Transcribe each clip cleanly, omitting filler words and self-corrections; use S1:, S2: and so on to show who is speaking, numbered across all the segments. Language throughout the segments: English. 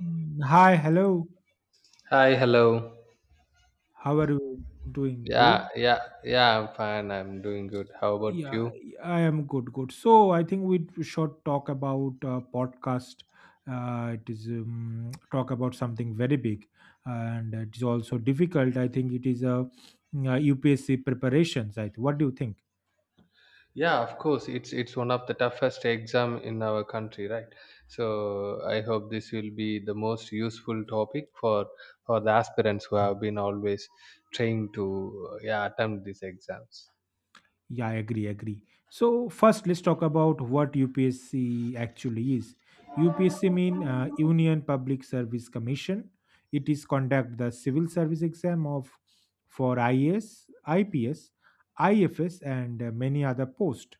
S1: Hi, hello.
S2: Hi, hello.
S1: How are you doing,
S2: Yeah,
S1: Groot?
S2: yeah, yeah, I'm fine. I'm doing good. How about
S1: Yeah,
S2: you?
S1: I am good, good. So I think we should talk about podcast. It is talk about something very big, and it is also difficult. I think it is a UPSC preparations. I what do you think?
S2: Yeah, of course. It's one of the toughest exam in our country, right? So I hope this will be the most useful topic for the aspirants who have been always trying to yeah attempt these exams.
S1: Yeah, I agree, agree. So first, let's talk about what UPSC actually is. UPSC mean Union Public Service Commission. It is conduct the civil service exam of for IAS, IPS, IFS, and many other post.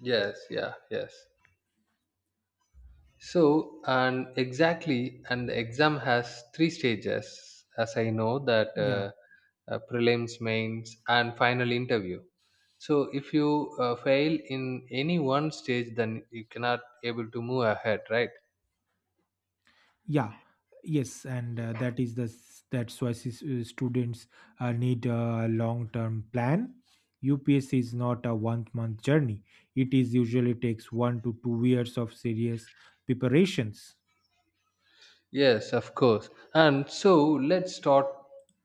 S2: Yes, yeah, yes. So, and exactly, and the exam has three stages, as I know that
S1: Yeah,
S2: uh, uh, prelims, mains, and final interview. So, if you fail in any one stage, then you cannot able to move ahead, right?
S1: yeah, yes, and that is the that's why students need a long-term plan. UPS is not a one-month journey. It is usually takes 1 to 2 years of serious preparations.
S2: Yes, of course. And so, let's start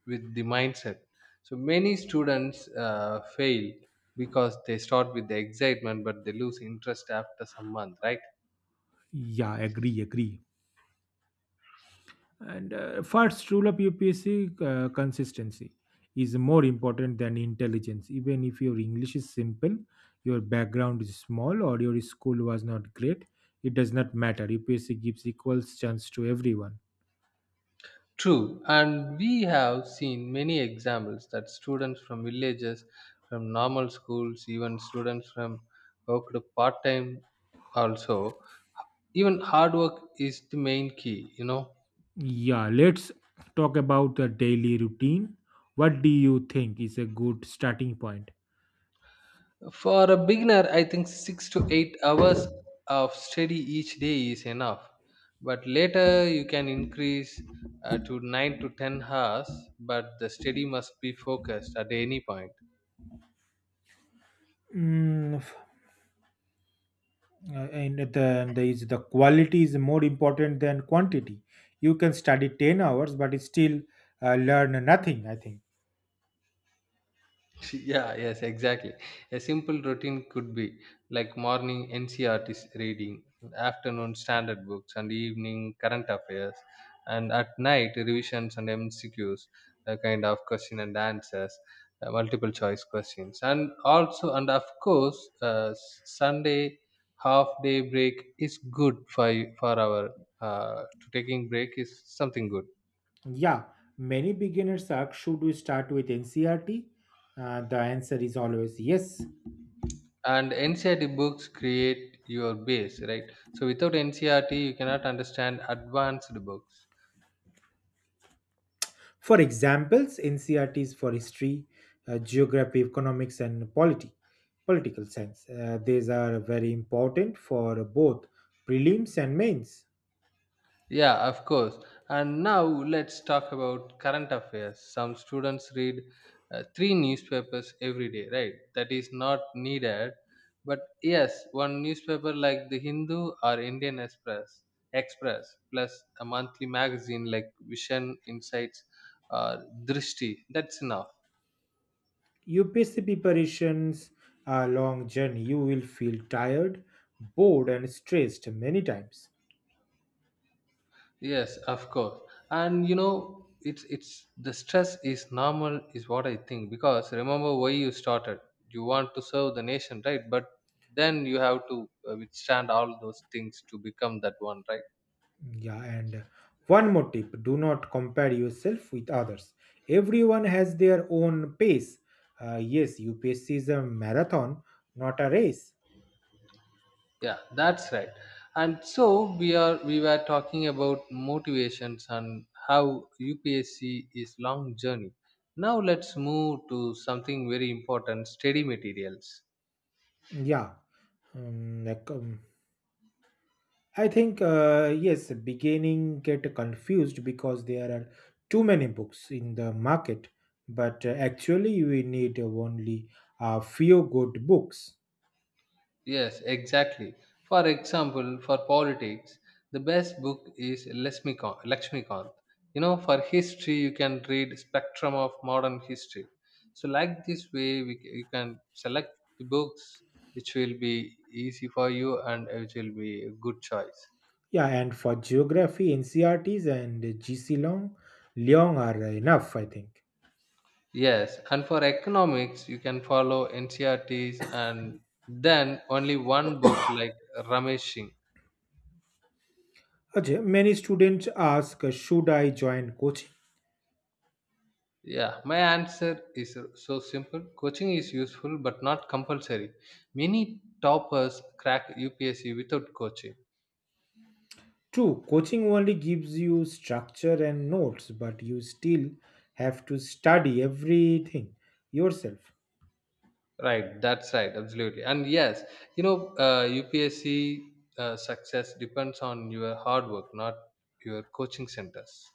S2: with the mindset. So, many students fail because they start with the excitement, but they lose interest after some month, right?
S1: Yeah, agree, agree. And first rule of UPSC consistency is more important than intelligence. Even if your English is simple, your background is small, or your school was not great, it does not matter. UPSC gives equal chance to everyone.
S2: True, and we have seen many examples that students from villages, from normal schools, even students from worked part time also, even hard work is the main key, you know.
S1: Yeah, let's talk about the daily routine. What do you think is a good starting point?
S2: For a beginner, I think 6 to 8 hours of study each day is enough. But later, you can increase to 9 to 10 hours, but the study must be focused at any point.
S1: Mm, and then there is the quality is more important than quantity. You can study 10 hours but still learn nothing, I think.
S2: Yeah, yes, exactly. A simple routine could be like morning NCRT reading, afternoon standard books, and evening current affairs, and at night revisions and MCQs, kind of question and answers, multiple choice questions. And also, and of course, uh, s- Sunday half day break is good for our, to taking break is something good.
S1: Yeah, many beginners ask, should we start with ncrt? The answer is always yes.
S2: And NCERT books create your base, right? So without NCERT, you cannot understand advanced books.
S1: For examples, ncrt is for history, geography, economics, and polity, political science. These are very important for both prelims and mains.
S2: Yeah, of course. And now let's talk about current affairs. Some students read three newspapers every day, right? That is not needed. But yes, one newspaper like The Hindu or Indian Express plus a monthly magazine like Vision, Insights, or Drishti, that's enough.
S1: UPSC preparations are long journey. You will feel tired, bored, and stressed many times.
S2: Yes, of course. And you know, it's the stress is normal is what I think, because remember why you started. You want to serve the nation, right? But then you have to withstand all those things to become that one, right?
S1: Yeah, and one more tip, do not compare yourself with others. Everyone has their own pace. Yes, UPSC is a marathon, not a race.
S2: Yeah, that's right. And so we were talking about motivations and how UPSC is long journey. Now let's move to something very important, study materials.
S1: Yeah, like, I think yes, beginning get confused because there are too many books in the market, but actually we need only a few good books.
S2: Yes, exactly. For example, for politics, the best book is Lesmikant, Lakshmikant. You know, for history, you can read Spectrum of Modern History. So, like this way, you can select the books which will be easy for you and which will be a good choice.
S1: Yeah, and for geography, NCRTs and GC Long, Leong are enough, I think.
S2: Yes, and for economics, you can follow NCRTs and then only one book like Ramesh Singh.
S1: Ajay, many students ask, should I join coaching?
S2: Yeah, my answer is so simple. Coaching is useful but not compulsory. Many toppers crack UPSC without coaching.
S1: True, coaching only gives you structure and notes, but you still have to study everything yourself.
S2: Right, that's right, absolutely. And yes, you know, UPSC success depends on your hard work, not your coaching centers.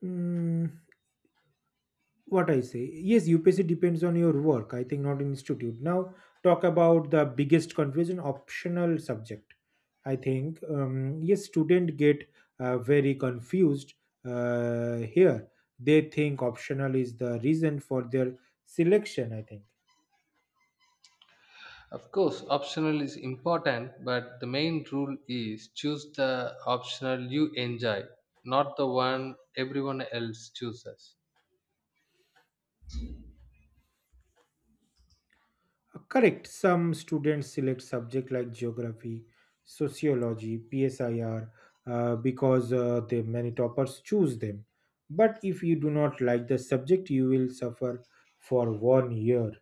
S1: Hmm, what I say. Yes, UPSC depends on your work, I think, not institute. Now talk about the biggest confusion: optional subject. I think, yes, student get very confused here. They think optional is the reason for their selection, I think.
S2: Of course, optional is important, but the main rule is choose the optional you enjoy, not the one everyone else chooses.
S1: Correct. Some students select subject like geography, sociology, PSIR because the many toppers choose them. But if you do not like the subject, you will suffer for one year.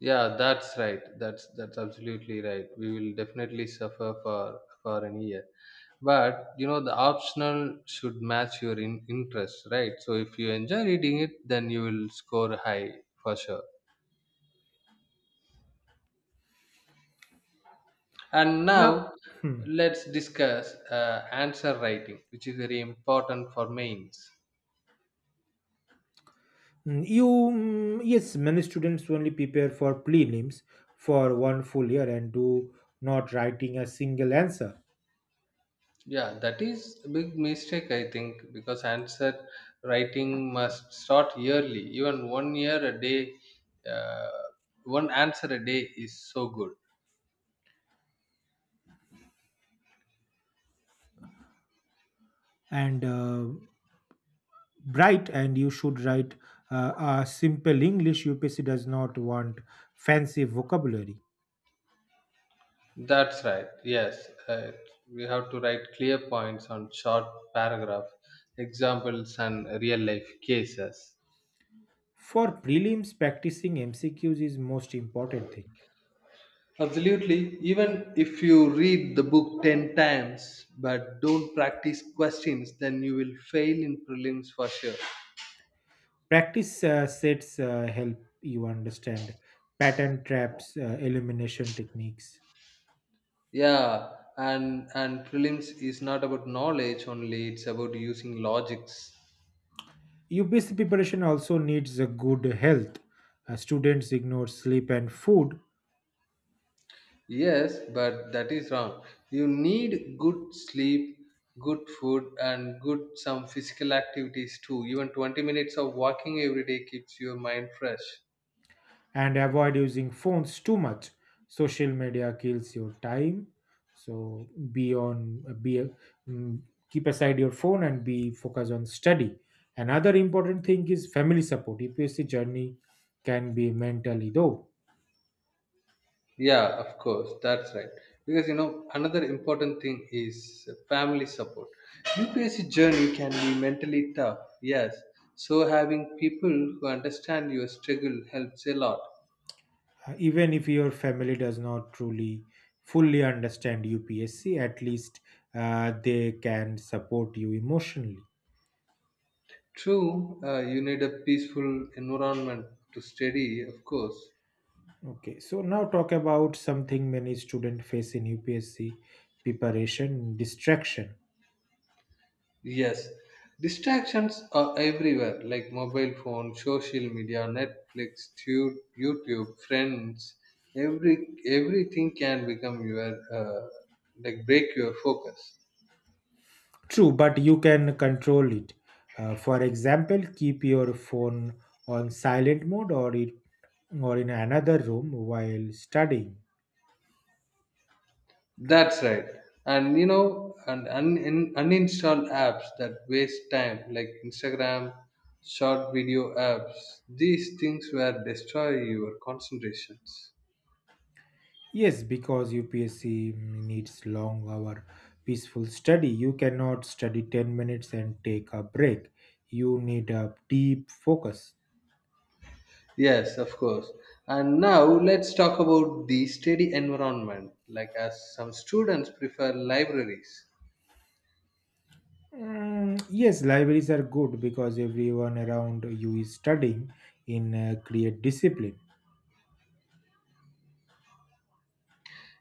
S2: Yeah, that's right. That's absolutely right. We will definitely suffer for an year. But you know, the optional should match your interest, right? So if you enjoy reading it, then you will score high for sure. And
S1: Now,
S2: now
S1: hmm,
S2: let's discuss answer writing, which is very important for mains.
S1: yes, many students only prepare for prelims for one full year and do not writing a single answer.
S2: Yeah, that is a big mistake, I think, because answer writing must start yearly. Even one year a day, uh, one answer a day is so good.
S1: And bright, and you should write uh, a simple english. Upsc does not want fancy vocabulary.
S2: That's right. Yes, we have to write clear points on short paragraph, examples, and real life cases.
S1: For prelims, practicing mcqs is most important thing.
S2: Absolutely. Even if you read the book 10 times but don't practice questions, then you will fail in prelims for sure.
S1: Practice sets help you understand pattern, traps, elimination techniques.
S2: Yeah, and prelims is not about knowledge only, it's about using logics.
S1: Upsc preparation also needs a good health. Students ignore sleep and food,
S2: Yes, but that is wrong. You need good sleep, good food, and good some physical activities too. Even 20 minutes of walking every day keeps your mind fresh.
S1: and avoid using phones too much. Social media kills your time, so be on be mm, keep aside your phone and be focused on study. Another important thing is family support. Upsc journey can be mentally though.
S2: Yeah, of course, that's right. Because you know, another important thing is family support. UPSC journey can be mentally tough, yes. So having people who understand your struggle helps a lot.
S1: Even if your family does not truly fully understand upsc, at least they can support you emotionally.
S2: True, you need a peaceful environment to study, of course.
S1: Okay, so now talk about something many students face in UPSC preparation, distraction.
S2: Yes, distractions are everywhere like mobile phone, social media, Netflix, YouTube, friends. Everything can become your, like, break your focus.
S1: True, but you can control it. For example, keep your phone on silent mode, or in another room while studying.
S2: That's right. And you know, and uninstall apps that waste time like Instagram, short video apps. These things will destroy your concentrations.
S1: Yes, because UPSC needs long hour peaceful study. You cannot study 10 minutes and take a break. You need a deep focus.
S2: Yes, of course. And now let's talk about the study environment, like as some students prefer libraries.
S1: Mm, yes, libraries are good because everyone around you is studying in create discipline.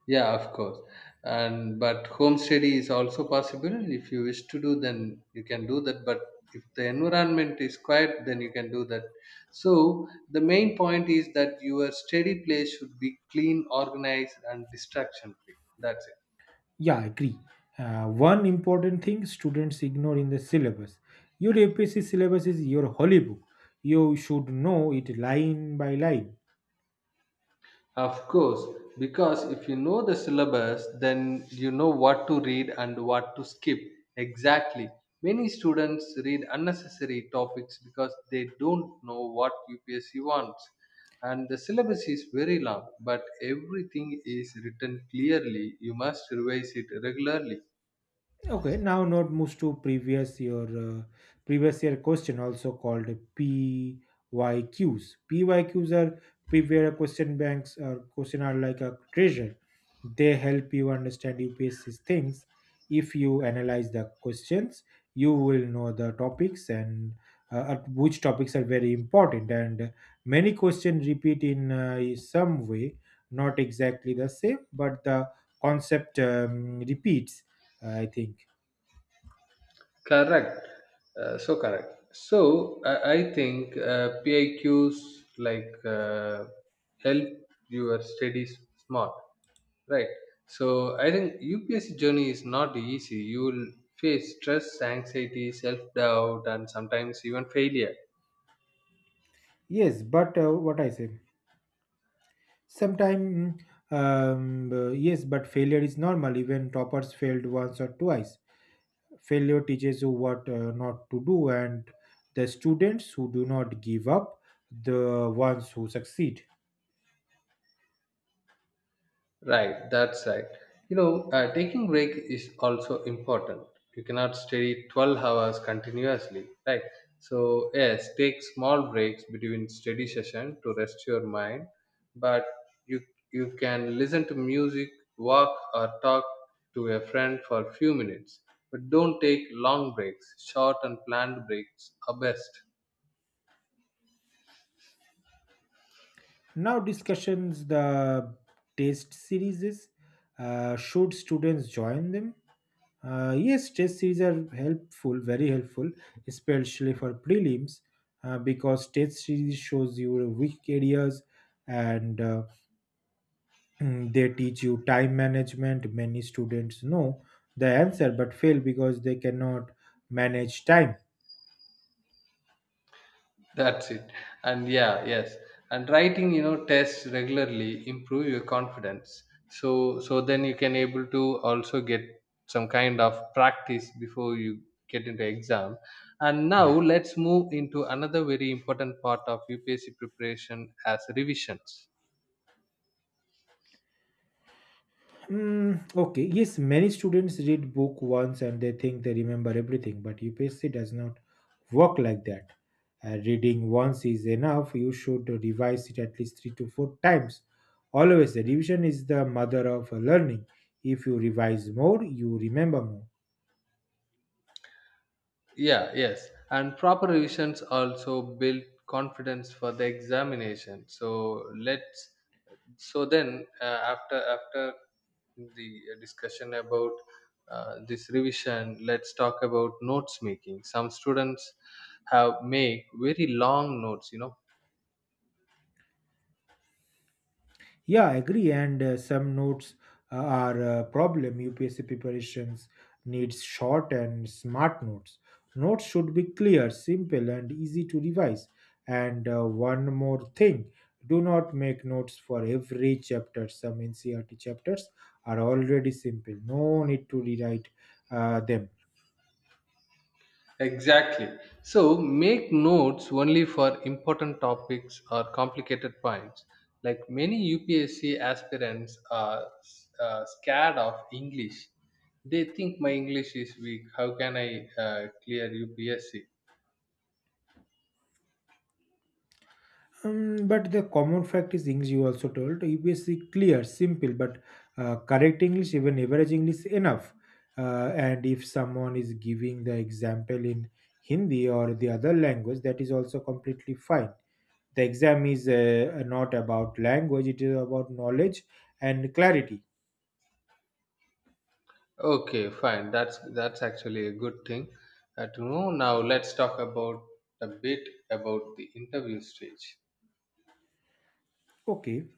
S2: Yeah, of course. And but home study is also possible. If you wish to do, then you can do that. But if the environment is quiet, then you can do that. So the main point is that your study place should be clean, organized, and distraction free. That's it.
S1: Yeah, agree. One important thing students ignore in the syllabus. Your APSC syllabus is your holy book. You should know it line by line.
S2: Of course, because if you know the syllabus, then you know what to read and what to skip. Exactly. Many students read unnecessary topics because they don't know what UPSC wants. And the syllabus is very long, but everything is written clearly. You must revise it regularly.
S1: Okay, now note moves to previous year question, also called PYQs. PYQs are previous year question banks, or question are like a treasure. They help you understand UPSC's things. If you analyze the questions, you will know the topics and which topics are very important. And many questions repeat in some way, not exactly the same, but the concept repeats, I think.
S2: Correct. So correct. So I think PIQs like help your studies smart. Right. So I think UPSC journey is not easy. You will face stress, anxiety, self doubt, and sometimes even failure.
S1: Yes, but what I say, sometimes, yes, but failure is normal. Even toppers failed once or twice. Failure teaches you what not to do, and the students who do not give up, the ones who succeed.
S2: Right, that's right. You know, taking break is also important. You cannot study 12 hours continuously, right? So, yes, take small breaks between study session to rest your mind, but you you can listen to music, walk or talk to a friend for a few minutes. But don't take long breaks. Short and planned breaks are best.
S1: Now, discussions, the test series Uh, should students join them? Yes, test series are helpful, very helpful, especially for prelims, because test series shows your weak areas, and they teach you time management. Many students know the answer but fail because they cannot manage time.
S2: That's it. And yeah, yes. And writing, you know, tests regularly improve your confidence. So so then you can able to also get some kind of practice before you get into exam. And now let's move into another very important part of UPSC preparation as revisions.
S1: Mm, okay, yes, many students read book once and they think they remember everything, but UPSC does not work like that. Reading once is enough. You should revise it at least three to four times. Always, the revision is the mother of learning. If you revise more, you remember more.
S2: Yeah, yes. And proper revisions also build confidence for the examination. So let's so then after the discussion about this revision, let's talk about notes making. Some students have make very long notes, you know.
S1: Yeah, I agree. And some notes are a problem. UPSC preparations needs short and smart notes. Notes should be clear, simple, and easy to revise. And one more thing, do not make notes for every chapter. Some NCRT chapters are already simple, no need to rewrite them.
S2: Exactly, so make notes only for important topics or complicated points. Like many UPSC aspirants are scared of English. They think my English is weak, how can I clear UPSC.
S1: But the common fact is English. You also told, UPSC clear, simple, but correct English, even average English, is enough. And if someone is giving the example in Hindi or the other language, that is also completely fine. The exam is not about language; it is about knowledge and clarity.
S2: Okay, fine. That's actually a good thing to know. Now let's talk about a bit about the interview stage.
S1: Okay,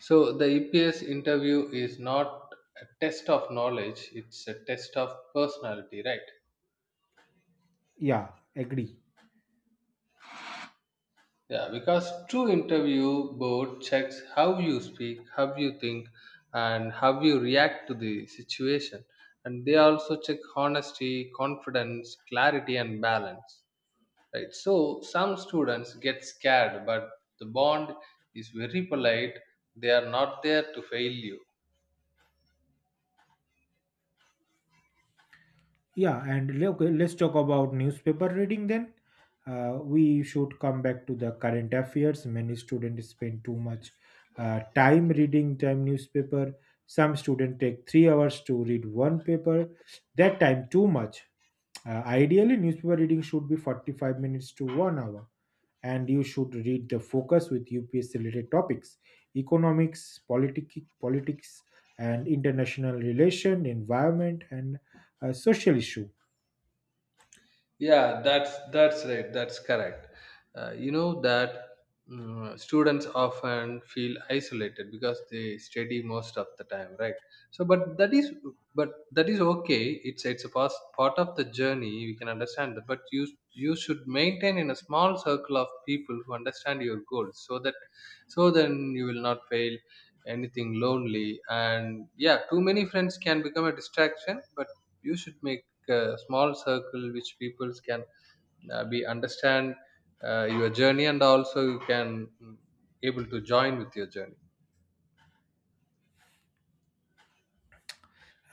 S2: So the EPS interview is not a test of knowledge; it's a test of personality, right?
S1: yeah, agree.
S2: Yeah, because true interview board checks how you speak, how you think, and how you react to the situation, and they also check honesty, confidence, clarity, and balance. Right. So some students get scared, but the bond is very polite. They are not there to fail you.
S1: Yeah, and okay, let's talk about newspaper reading then. We should come back to the current affairs. Many students spend too much time reading time newspaper. Some students take 3 hours to read one paper. That time too much. Ideally, newspaper reading should be 45 minutes to 1 hour. And you should read the focus with UPSC related topics: economics, politics, and international relation, environment, and social issue.
S2: Yeah, that's right, that's correct. You know that, mm, students often feel isolated because they study most of the time, right? So but that is, but that is okay, it's a part of the journey, we can understand that. But you should maintain in a small circle of people who understand your goals, so that so then you will not fail anything lonely. And yeah, too many friends can become a distraction, but you should make small circle which people can be understand your journey, and also you can, mm, able to join with your journey.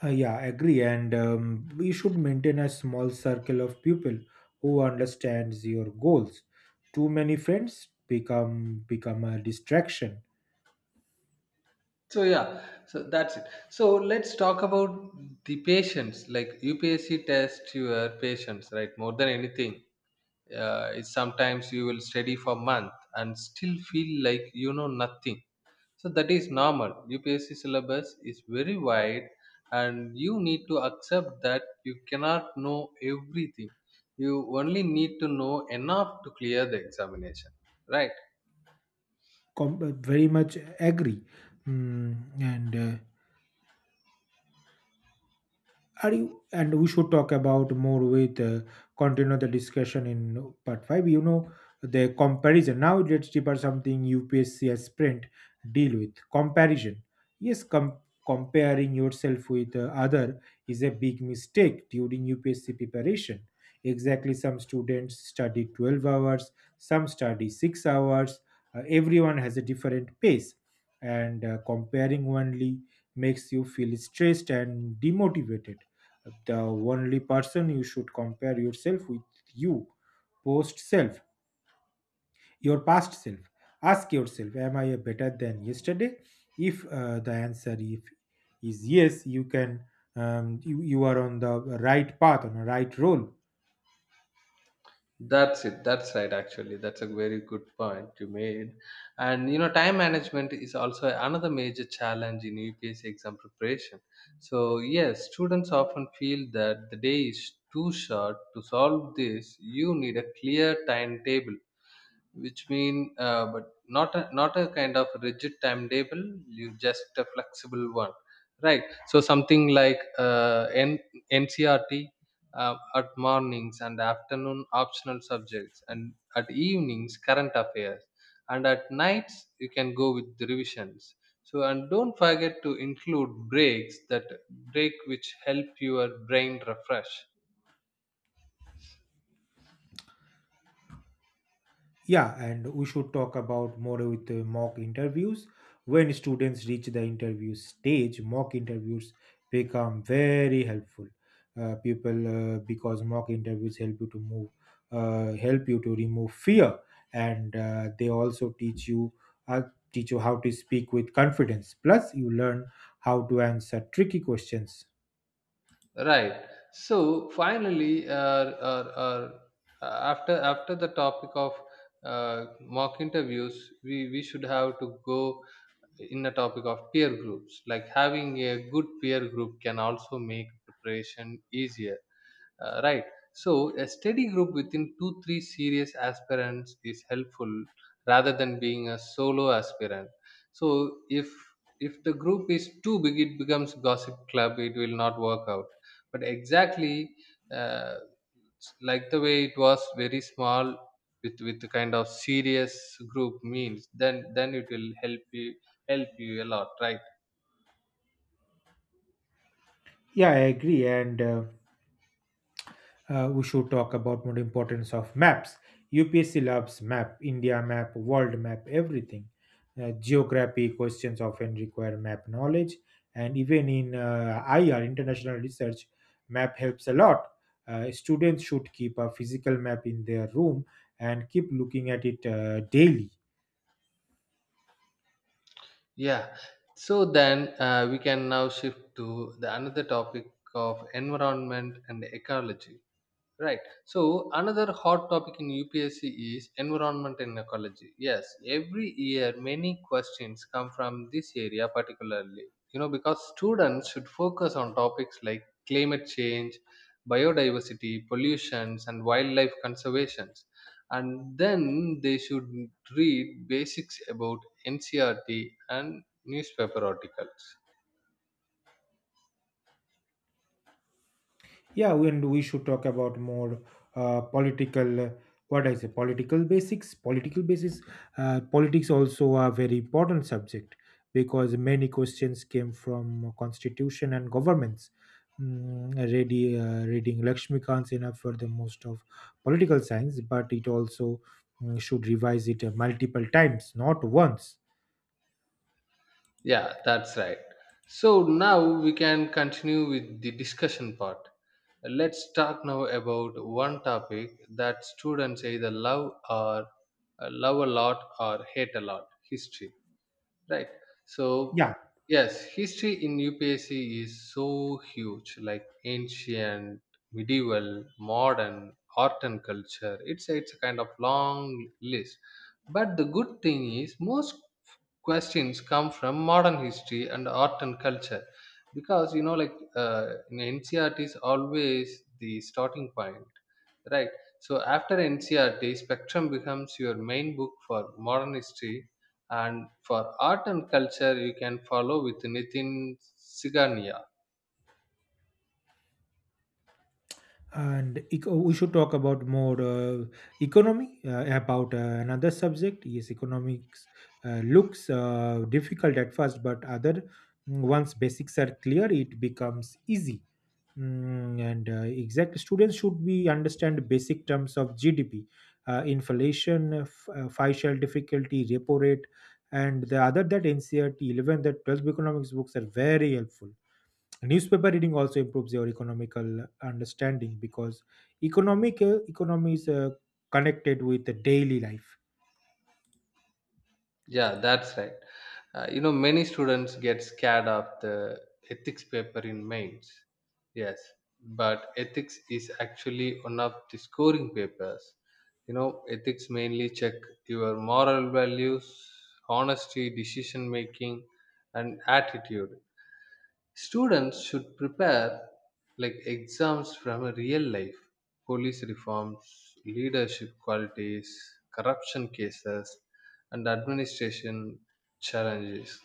S1: Yeah, agree. And we should maintain a small circle of people who understands your goals. Too many friends become a distraction.
S2: So yeah, so that's it. So let's talk about the patients, like UPSC test your patients, right, more than anything. It's sometimes you will study for month and still feel like you know nothing. So that is normal. UPSC syllabus is very wide, and you need to accept that you cannot know everything. You only need to know enough to clear the examination, right?
S1: Very much agree. Mm, and uh, and we should talk about more with, continue the discussion in part 5. You know, the comparison. Now let's deeper something. UPSC has Sprint deal with comparison. Yes, comparing yourself with other is a big mistake during UPSC preparation. Exactly, some students study 12 hours, some study 6 hours. Everyone has a different pace, and comparing only makes you feel stressed and demotivated. The only person you should compare yourself with, you post self your past self. Ask yourself, am I better than yesterday? If the answer if is yes, you can, you are on the right path, on the right role.
S2: That's it. That's right. Actually, that's a very good point you made. And you know, time management is also another major challenge in UPSC exam preparation. So yes, students often feel that the day is too short to solve this. You need a clear timetable which mean but not a kind of rigid timetable, you just a flexible one, right? So something like NCRT at mornings, and afternoon optional subjects, and at evenings current affairs, and at nights you can go with the revisions. So and don't forget to include breaks, that break which help your brain refresh.
S1: Yeah, and we should talk about more with the mock interviews. When students reach the interview stage, mock interviews become very helpful. Because mock interviews help you to remove fear, and they also uh, teach you how to speak with confidence. Plus, you learn how to answer tricky questions.
S2: Right, so finally or after after the topic of mock interviews, we should have to go in the topic of peer groups. Like having a good peer group can also make preparation easier, right. So a steady group within two, three serious aspirants is helpful rather than being a solo aspirant. So if the group is too big, it becomes gossip club. It will not work out. But exactly uh, like the way it was very small with the kind of serious group means, then it will help you a lot, right?
S1: Yeah, I agree, and. We should talk about more importance of maps. UPSC loves map, India map, world map, everything. Geography questions often require map knowledge, and even in IR, international research, map helps a lot. Students should keep a physical map in their room and keep looking at it daily.
S2: Yeah. So then we can now shift to the another topic of environment and ecology. Right. So another hot topic in UPSC is environment and ecology. Yes, every year many questions come from this area particularly. You know, because students should focus on topics like climate change, biodiversity, pollutions, and wildlife conservations. And then they should read basics about NCRT and newspaper articles.
S1: Yeah, and we should talk about more political. What I say, political basics. Political basics. Politics also a very important subject because many questions came from constitution and governments. Reading Lakshmikant's enough for the most of political science, but it also should revise it multiple times, not once.
S2: Yeah, that's right. So now we can continue with the discussion part. Let's talk now about one topic that students either love a lot or hate a lot history, right? So,
S1: Yeah,
S2: yes, history in UPSC is so huge like ancient, medieval, modern, art and culture. It's a kind of long list. But the good thing is, most questions come from modern history and art and culture because you know like in ncrt is always the starting point, right? So after ncrt, spectrum becomes your main book for modern history, and for art and culture you can follow with nitin sigania.
S1: and eco we should talk about more, economy, about another subject. Yes, economics looks difficult at first, but other once basics are clear, it becomes easy. And exact students should be understand basic terms of GDP, inflation, financial difficulty, repo rate, and the other that NCERT 11 that 12th economics books are very helpful. Newspaper reading also improves your economical understanding because economic economy is connected with the daily life.
S2: Yeah, that's right. You know, many students get scared of the ethics paper in mains. Yes, but ethics is actually one of the scoring papers. You know, ethics mainly check your moral values, honesty, decision making, and attitude. Students should prepare like exams from a real life, police reforms, leadership qualities, corruption cases, and administration challenges.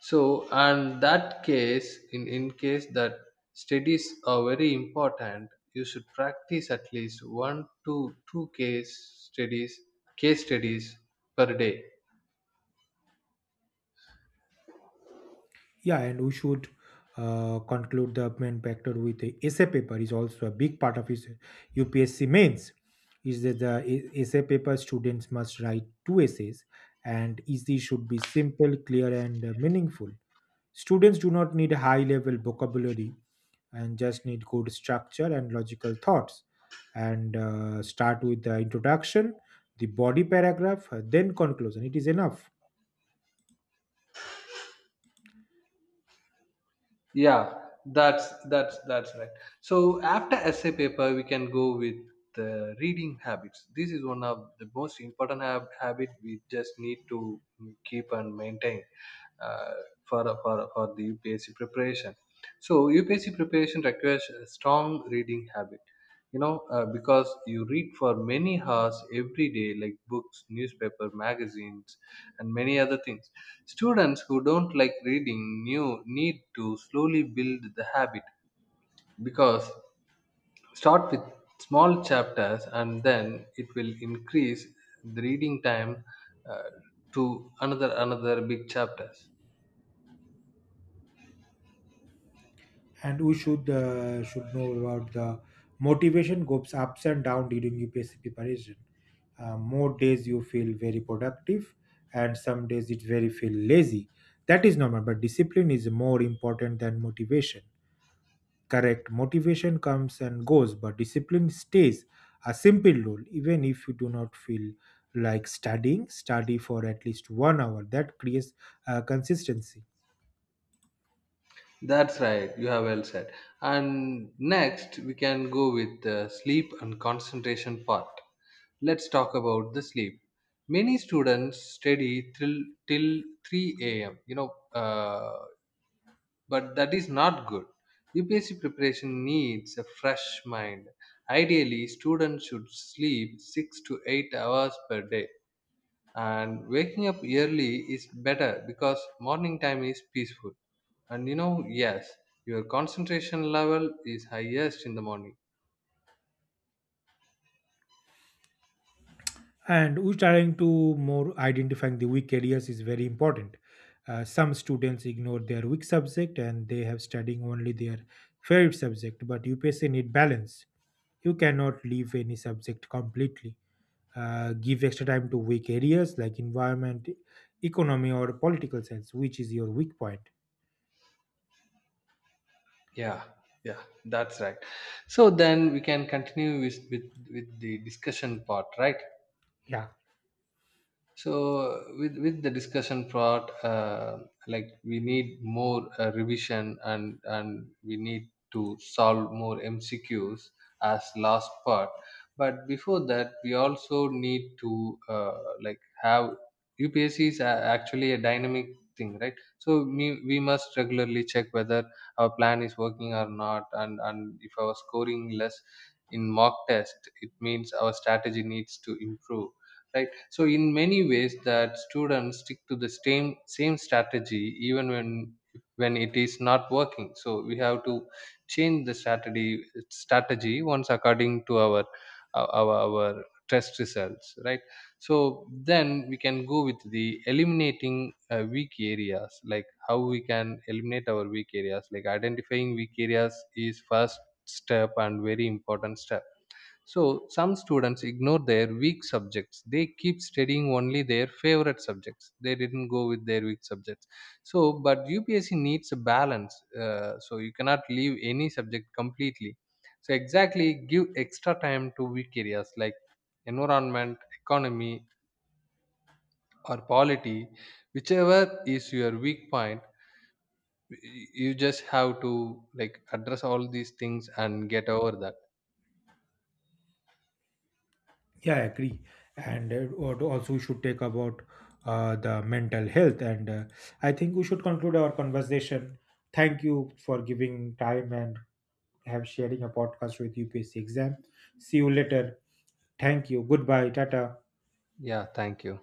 S2: So, and that case, in case that studies are very important, you should practice at least one to two case studies per day.
S1: Yeah, and we should conclude the main factor with the essay paper is also a big part of his upsc mains is that the essay paper. Students must write two essays, and easy should be simple, clear, and meaningful. Students do not need a high level vocabulary and just need good structure and logical thoughts. And start with the introduction, the body paragraph, then conclusion. It is enough.
S2: Yeah, that's right. So after essay paper we can go with the reading habits. This is one of the most important habit we just need to keep and maintain uh, for the upsc preparation. So upsc preparation requires a strong reading habit, you know, because you read for many hours every day like books, newspaper, magazines, and many other things. Students who don't like reading new need to slowly build the habit, because start with small chapters and then it will increase the reading time uh, to another big chapters.
S1: And we should know about the motivation goes ups and down during UPSC preparation. More days you feel very productive, and some days it very feel lazy. That is normal, but discipline is more important than motivation. Correct. Motivation comes and goes, but discipline stays. A simple rule, even if you do not feel like studying, study for at least one hour. That creates consistency.
S2: That's right, you have well said. And next, we can go with the sleep and concentration part. Let's talk about the sleep. Many students study till 3 a.m., you know, but that is not good. UPSC preparation needs a fresh mind. Ideally, students should sleep 6 to 8 hours per day, and waking up early is better because morning time is peaceful, and you know, yes, your concentration level is highest in the morning.
S1: And we're trying to more identifying the weak areas is very important. Some students ignore their weak subject, and they have studying only their favorite subject, but upsc need balance. You cannot leave any subject completely. Give extra time to weak areas like environment, economy, or political science, which is your weak point.
S2: Yeah yeah, that's right. So then we can continue with the discussion part, right?
S1: Yeah,
S2: So with the discussion part, like we need more revision, and we need to solve more mcqs as last part. But before that we also need to like have upsc is actually a dynamic thing, right? So we must regularly check whether our plan is working or not, and if our scoring less in mock test it means our strategy needs to improve, right? So in many ways that students stick to the same strategy even when it is not working, so we have to change the strategy once according to our test results, right? So then we can go with the eliminating weak areas. Like how we can eliminate our weak areas, like identifying weak areas is first step and very important step. So some students ignore their weak subjects. They keep studying only their favorite subjects. They didn't go with their weak subjects. So, but UPSC needs a balance. So you cannot leave any subject completely. So exactly, give extra time to weak areas like environment, economy, or polity, whichever is your weak point. y- You just have to like address all these things and get over that.
S1: yeah, I agree. And what also we should take about the mental health. And I think we should conclude our conversation. Thank you for giving time and have sharing a podcast with UPSC exam. See you later. Thank you. Goodbye. Tata.
S2: Yeah, thank you.